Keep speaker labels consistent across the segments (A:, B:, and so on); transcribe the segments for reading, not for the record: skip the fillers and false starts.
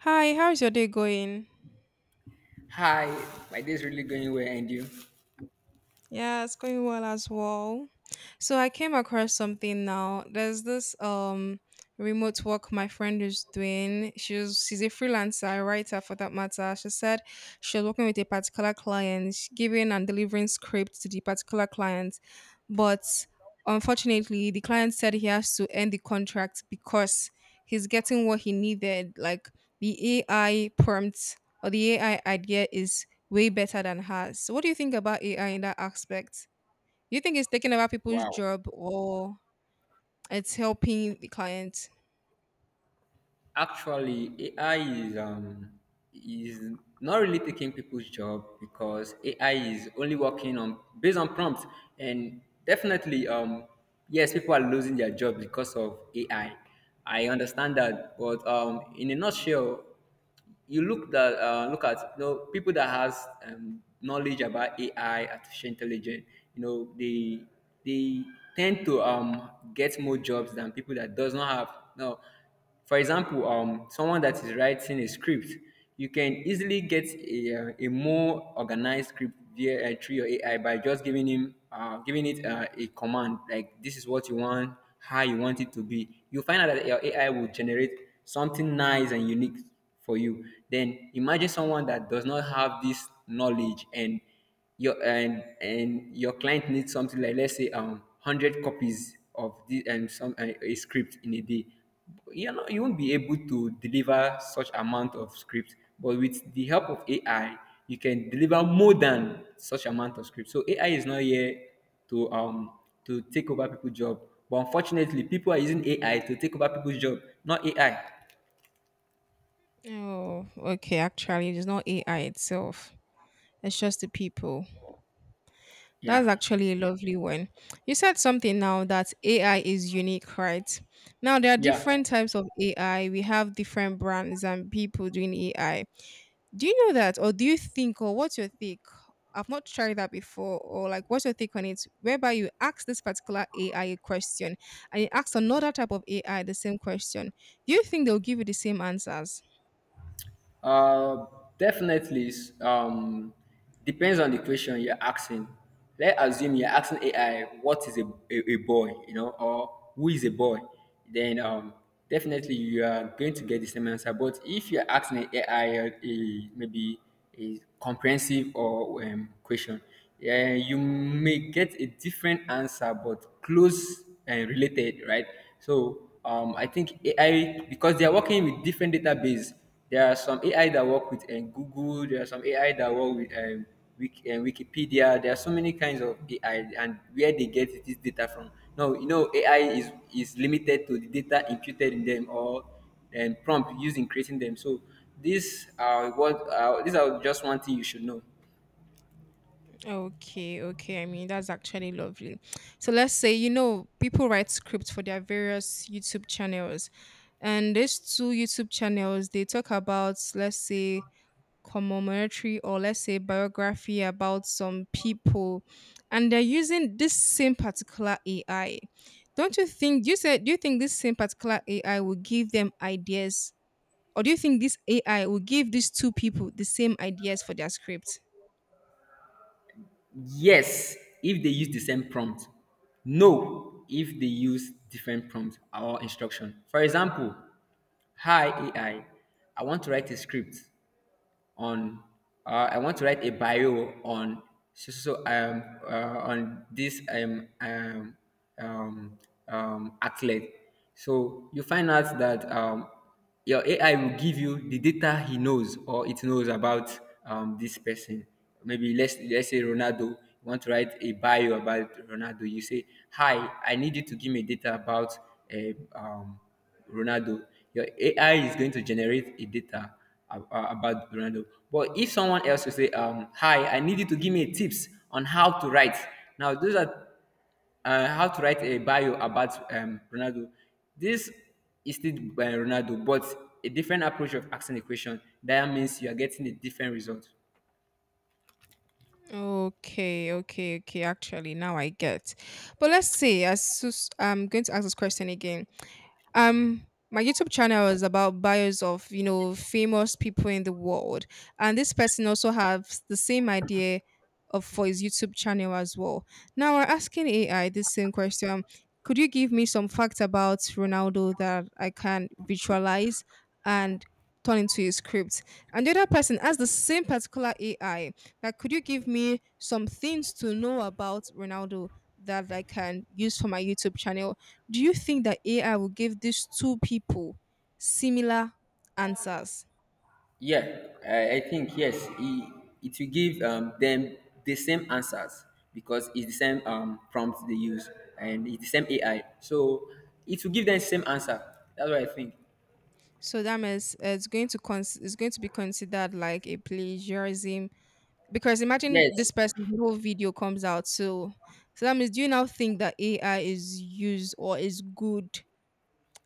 A: Hi, how's your day going?
B: Hi, my days really going well, and you?
A: Yeah, it's going well as well. So I came across something now. There's this remote work my friend is doing. She's a freelancer, a writer for that matter. She said she was working with a particular client, giving and delivering scripts to the particular client, but unfortunately the client said he has to end the contract because he's getting what he needed. Like the AI prompt or the AI idea is way better than hers. So what do you think about AI in that aspect? Do you think it's taking over people's
B: Wow.
A: job or it's helping the client?
B: Actually, AI is not really taking people's job because AI is only working on based on prompts, and definitely yes, people are losing their job because of AI. I understand that, but in a nutshell. You look that Look at people that has knowledge about AI, artificial intelligence. You know they tend to get more jobs than people that does not have. Now, for example, someone that is writing a script, you can easily get a more organized script via through your AI by just giving it a command, like this is what you want, how you want it to be. You find out that your AI will generate something nice and unique for you. Then imagine someone that does not have this knowledge, and your client needs something like, let's say, 100 copies of this and some a script in a day. You know you won't be able to deliver such amount of script, but with the help of AI you can deliver more than such amount of script. So AI is not here to um to take over people's job, but unfortunately people are using AI to take over people's job, not AI.
A: Oh, okay. Actually, it is not AI itself. It's just the people.
B: Yeah,
A: That's actually a lovely one. You said something now that AI is unique, right? Now, there are
B: yeah.
A: different types of AI. We have different brands and people doing AI. Do you know that, or do you think, or what's your take? I've not tried that before, or like, what's your take on it? Whereby you ask this particular AI question and you ask another type of AI the same question. Do you think they'll give you the same answers?
B: Uh, Definitely, depends on the question you're asking. Let's assume you're asking AI what is a boy, or who is a boy. Then definitely you are going to get the same answer. But if you're asking an a AI maybe a comprehensive or question, yeah, you may get a different answer, but close and related, right? So I think AI, because they are working with different database. There are some AI that work with Google. There are some AI that work with Wikipedia. There are so many kinds of AI, and where they get this data from. No, AI is limited to the data imputed in them, or prompt used in creating them. So these are just one thing you should know.
A: Okay, okay. I mean, that's actually lovely. So let's say, you know, people write scripts for their various YouTube channels. And these two YouTube channels, they talk about, let's say, commemoratary, or let's say biography about some people. And they're using this same particular AI. Don't you think, you said, do you think this same particular AI will give them ideas, or do you think this AI will give these two people the same ideas for their script?
B: Yes, if they use the same prompt. No, if they use different prompt or instruction. For example, hi AI, I want to write a script. On I want to write a bio on, this um, athlete. So you find out that your AI will give you the data he knows or it knows about this person. Maybe let's say Ronaldo. You want to write a bio about Ronaldo. You say, "Hi, I need you to give me data about uh, um." Ronaldo." Your AI is going to generate a data about Ronaldo. But if someone else will say, "Hi, I need you to give me tips on how to write." Now, those are how to write a bio about Ronaldo. This is still by Ronaldo, but a different approach of asking the question. That means you are getting a different result.
A: Okay, okay, okay. Actually, now I get. But let's say, I'm going to ask this question again. My YouTube channel is about bios of, you know, famous people in the world, and this person also has the same idea of for his YouTube channel as well. Now we're asking AI this same question: could you give me some facts about Ronaldo that I can visualize and turn into a script? And the other person asked the same particular AI that could you give me some things to know about Ronaldo that I can use for my YouTube channel. Do you think that AI will give these two people similar answers?
B: Yeah, I think yes, it will give them the same answers, because it's the same prompt they use, and it's the same AI. So it will give them the same answer. That's what I think.
A: So that means it's going to it's going to be considered like a plagiarism, because imagine this
B: Yes,
A: person's whole video comes out. So so that means do you now think that AI is used or is good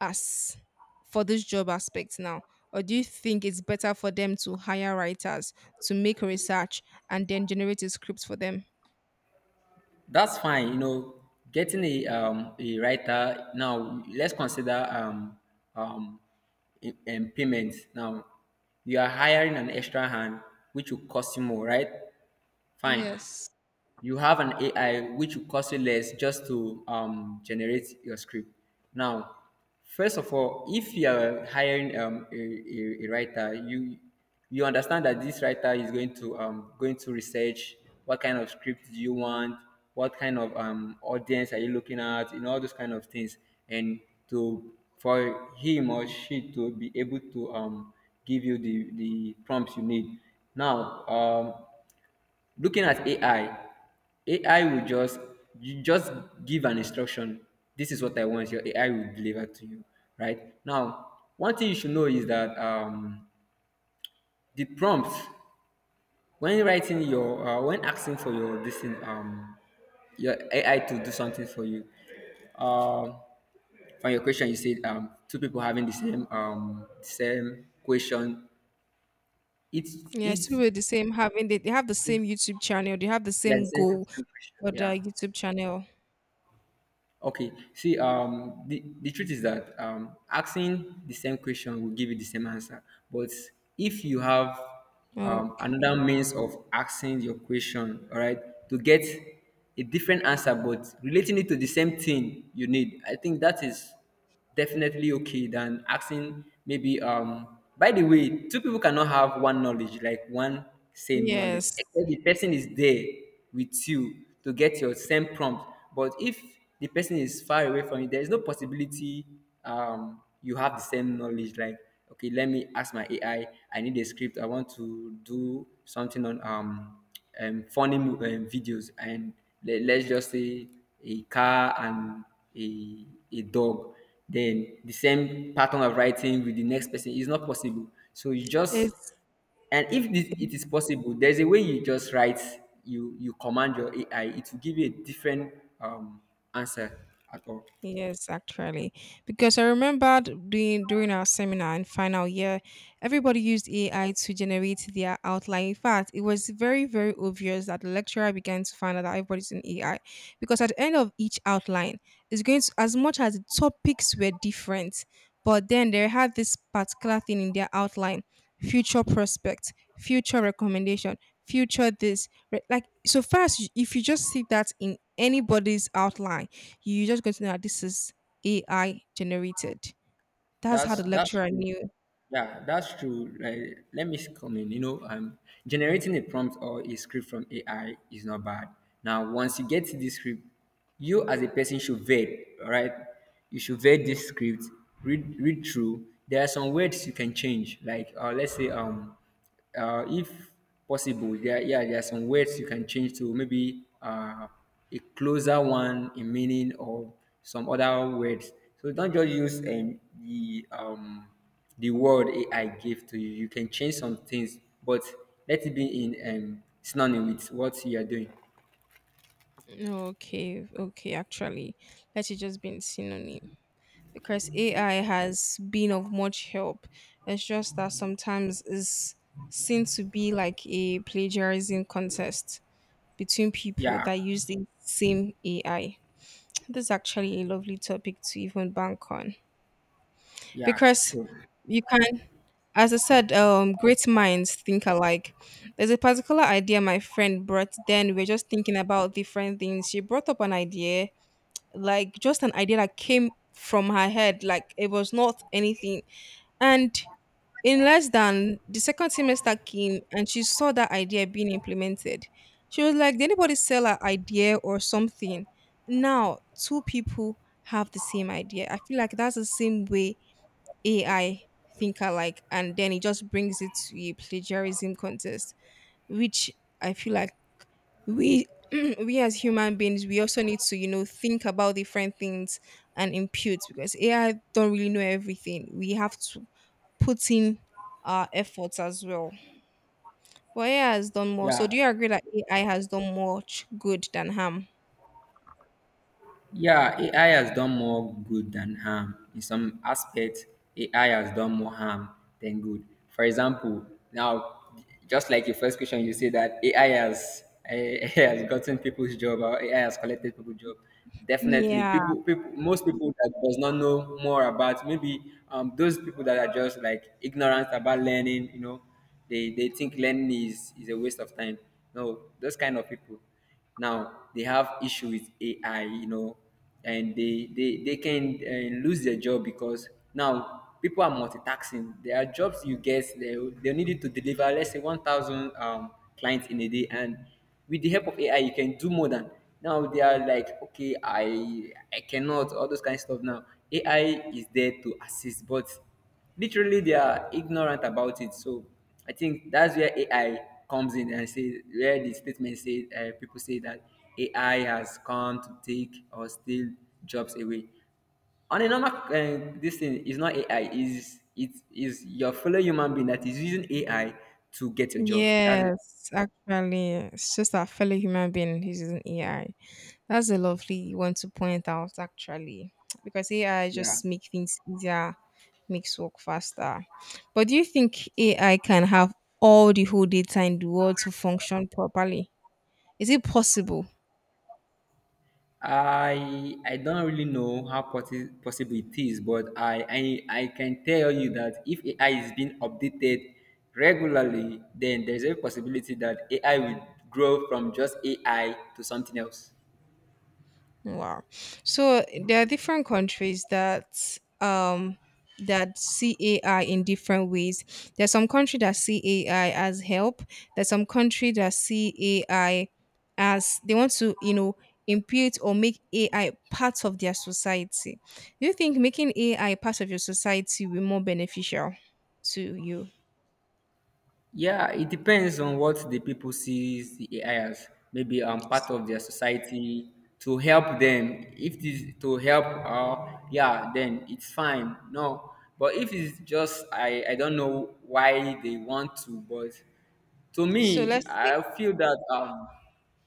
A: as for this job aspect now? Or do you think it's better for them to hire writers to make research and then generate a script for them?
B: that's fine. You know, getting a writer now. Let's consider, um, in payments. Now, you are hiring an extra hand, which will cost you more, right? Fine.
A: Yes.
B: You have an AI which will cost you less just to generate your script. Now, first of all, if you are hiring a writer, you understand that this writer is going to research what kind of script do you want, what kind of audience are you looking at, and all those kind of things, and to, for him or she to be able to give you the prompts you need. Now, looking at AI, AI will just you just give an instruction. This is what I want. Your AI will deliver to you, right? Now, one thing you should know is that the prompt when writing your when asking for your this thing your AI to do something for you. Um, on your question, you said two people having the same same question. It's
A: Yes, we
B: it's
A: were the same, having they have the same YouTube channel. They have the
B: yeah,
A: same goal
B: same
A: for
B: question.
A: their
B: Yeah.
A: YouTube channel.
B: Okay. See, the truth is that asking the same question will give you the same answer. But if you have
A: Okay.
B: another means of asking your question, all right, to get a different answer, but relating it to the same thing you need, I think that is definitely okay than asking, maybe, by the way, two people cannot have one knowledge, like one same knowledge,
A: Yes.
B: except the person is there with you to get your same prompt. But if the person is far away from you, there is no possibility you have the same knowledge. Like, okay, let me ask my AI. I need a script. I want to do something on, funny videos, and, let's just say, a car and a, a dog. Then the same pattern of writing with the next person is not possible, so you just.
A: It's
B: And if this, it is possible, there's a way you just write. You command your AI, it will give you a different um answer at all.
A: Yes, actually, because I remember doing during our seminar in final year, everybody used AI to generate their outline. In fact, it was very, very obvious that the lecturer began to find out that everybody's in AI, because at the end of each outline, it's going to, as much as the topics were different, but then they had this particular thing in their outline: future prospect, future recommendation, future this. Like so, first, if you just see that in anybody's outline, you just going to know that this is AI generated. That's how the
B: That's
A: lecturer knew.
B: Yeah, that's true. Like, let me come in. You know, generating a prompt or a script from AI is not bad. Now, once you get to this script, you as a person should vet, all right? You should vet this script, read through. There are some words you can change, let's say, if possible, there yeah, there are some words you can change to maybe a closer one in meaning, or some other words. So don't just use the word AI gave to you. You can change some things, but let it be in synonym with what you are doing.
A: Okay, okay, actually, let it just be in synonym because AI has been of much help. It's just that sometimes it's seen to be like a plagiarism contest between people
B: Yeah,
A: that use the same AI. This is actually a lovely topic to even bank on,
B: yeah,
A: because
B: sure.
A: you can As I said, great minds think alike. There's a particular idea my friend brought then. We were just thinking about different things. She brought up an idea, like just an idea that came from her head, like it was not anything. And in less than the second semester came and she saw that idea being implemented. She was like, did anybody sell an idea or something? Now, two people have the same idea. I feel like that's the same way AI think alike, and then it just brings it to a plagiarism contest, which I feel like we we as human beings we also need to, you know, think about different things and impute, because AI don't really know everything. We have to put in our efforts as well. But AI has done more. So do
B: Yeah.
A: you agree that AI has done much good than harm?
B: Yeah, AI has done more good than harm. In some aspects, AI has done more harm than good. For example, now, just like your first question, you say that AI has AI has gotten people's job, or AI has collected people's job. Definitely,
A: Yeah.
B: most people that does not know more about, maybe, those people that are just like ignorant about learning, you know, they think learning is a waste of time. No, those kind of people. Now they have issue with AI, you know, and they can lose their job, because now people are multitasking. There are jobs you get, they need you to deliver, let's say, 1,000 clients in a day, and with the help of AI you can do more than. Now they are like, okay, I cannot, all those kind of stuff. Now AI is there to assist, but literally they are ignorant about it. So I think that's where AI comes in, and say where the statement says, people say that AI has come to take or steal jobs away. On a normal, this thing is not AI, is it is your fellow human being that is using AI to get your job. That's it.
A: Yes, actually, it's just that fellow human being. He's an AI. That's a lovely one to point out, actually, because AI
B: Yeah.
A: just make things easier, makes work faster. But do you think AI can have all the whole data in the world to function properly? Is it possible?
B: I don't really know how possible it is, but I can tell you that if AI is being updated regularly, then there is a possibility that AI will grow from just AI to something else.
A: Wow. So there are different countries that that see AI in different ways. There's some country that see AI as help. There's some country that see AI as they want to, you know, impute or make AI part of their society. Do you think making AI part of your society will be more beneficial to you?
B: Yeah, it depends on what the people sees the AI as. Maybe part
A: So,
B: of their society to help them. If this to help, yeah, then it's fine. No, but if it's just, I don't know why they want to. But to
A: so
B: me,
A: let's say
B: I feel that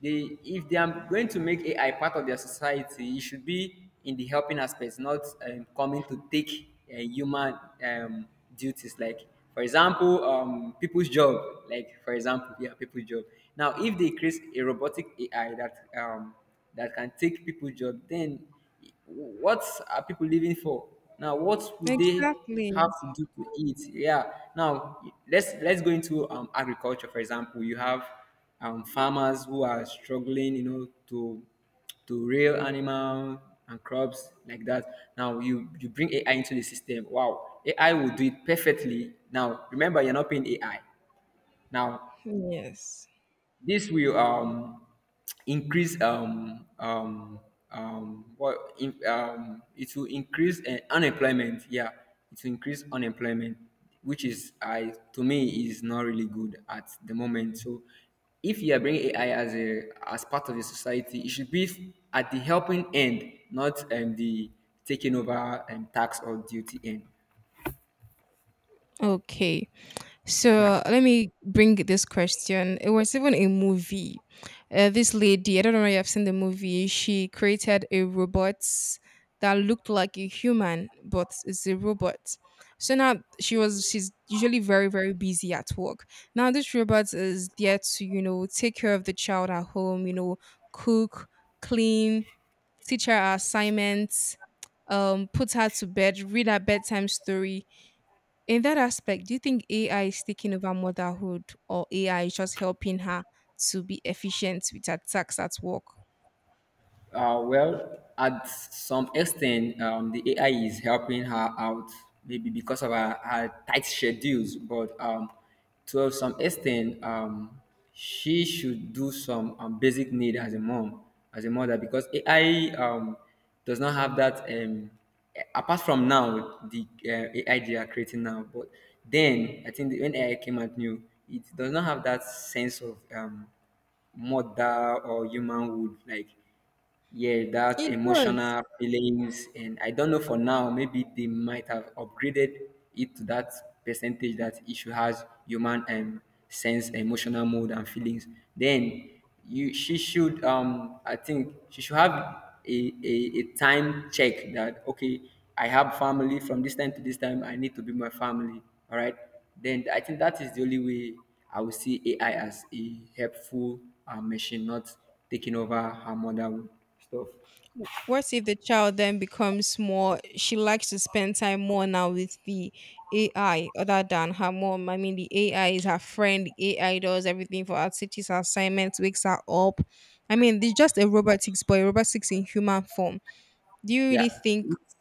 B: they if they are going to make AI part of their society, it should be in the helping aspects, not coming to take human um, duties. Like, for example, people's job. Like, for example, yeah, people's job. Now, if they create a robotic AI that can take people's job, then what are people living for? Now, what would they
A: exactly.
B: have to do to eat? Yeah. Now, let's go into agriculture. For example, you have farmers who are struggling, you know, to rear animal and crops like that. Now you bring AI into the system. Wow, AI will do it perfectly. Now, remember, you're not paying AI. Now
A: Yes.
B: this will increase what in, it will increase unemployment. Yeah, it will increase unemployment, which is, I to me, is not really good at the moment. So, if you are bringing AI as part of your society, it should be at the helping end, not the taking over and tax or duty end.
A: Okay.
B: Yeah.
A: So let me bring this question. It was even a movie. This lady, I don't know if you've seen the movie, she created a robot that looked like a human, but it's a robot. So now she's usually very, very busy at work. Now this robot is there to, you know, take care of the child at home, you know, cook, clean, teach her assignments, put her to bed, read her bedtime story. In that aspect, do you think AI is taking over motherhood, or AI is just helping her to be efficient with her tasks at work?
B: Well, at some extent, the AI is helping her out, maybe because of her tight schedules. But to some extent, she should do some basic need as a mom, as a mother, because AI does not have that. Apart from now, the AI they are creating now, but then I think when AI came out new, it does not have that sense of mother or human would like, yeah, that
A: It does.
B: emotional feelings. And I don't know for now, maybe they might have upgraded it to that percentage that issue has human sense, emotional mode, and feelings. Then you she should, I think she should have a time check, that okay, I have family from this time to this time, I need to be my family. All right, then I think that is the only way I will see AI as a helpful machine, not taking over her mother stuff.
A: What if the child then becomes more, she likes to spend time more now with the AI other than her mom? I mean, the AI is her friend, the AI does everything for her, teaches her assignments, wakes her up. I mean, there's just a robotics, but a robotics in human form. Do you really
B: Yeah,
A: think
B: it's,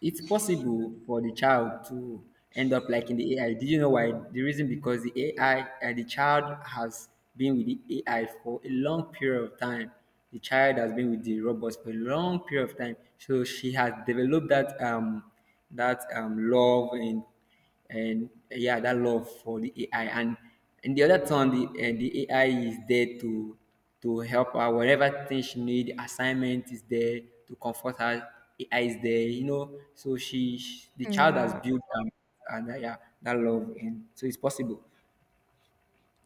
B: it's possible for the child to end up like in the AI. Did you know why? The reason because the AI and the child has been with the AI for a long period of time. The child has been with the robots for a long period of time, so she has developed that love and, yeah, that love for the AI. And the other time, the AI is there to help her whatever thing she need. Assignment is there to comfort her. AI is there. So she, the child has
A: Yeah.
B: built and yeah, that love, and so it's possible.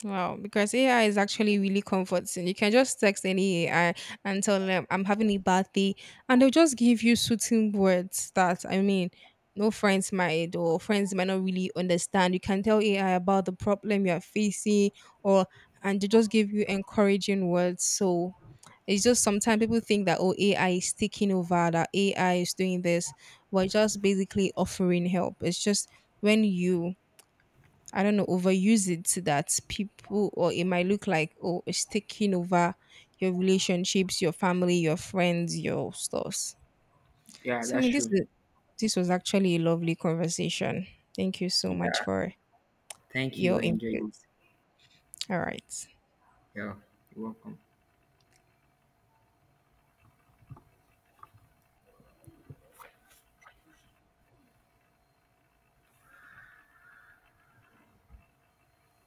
A: Wow, because AI is actually really comforting. You can just text any AI and tell them I'm having a bad day, and they'll just give you soothing words that I mean, no friends might or friends might not really understand. You can tell AI about the problem you are facing, or and they just give you encouraging words. So it's just sometimes people think that oh AI is taking over, that AI is doing this, but it's just basically offering help. It's just when you I don't know, overuse it so that people, or it might look like, oh, it's taking over your relationships, your family, your friends, your stores.
B: Yeah,
A: So, I
B: that's
A: mean,
B: true.
A: this was actually a lovely conversation. Thank you so
B: Yeah,
A: much for
B: thank you.
A: your
B: I enjoyed
A: input.
B: it.
A: All right.
B: Yeah, you're welcome.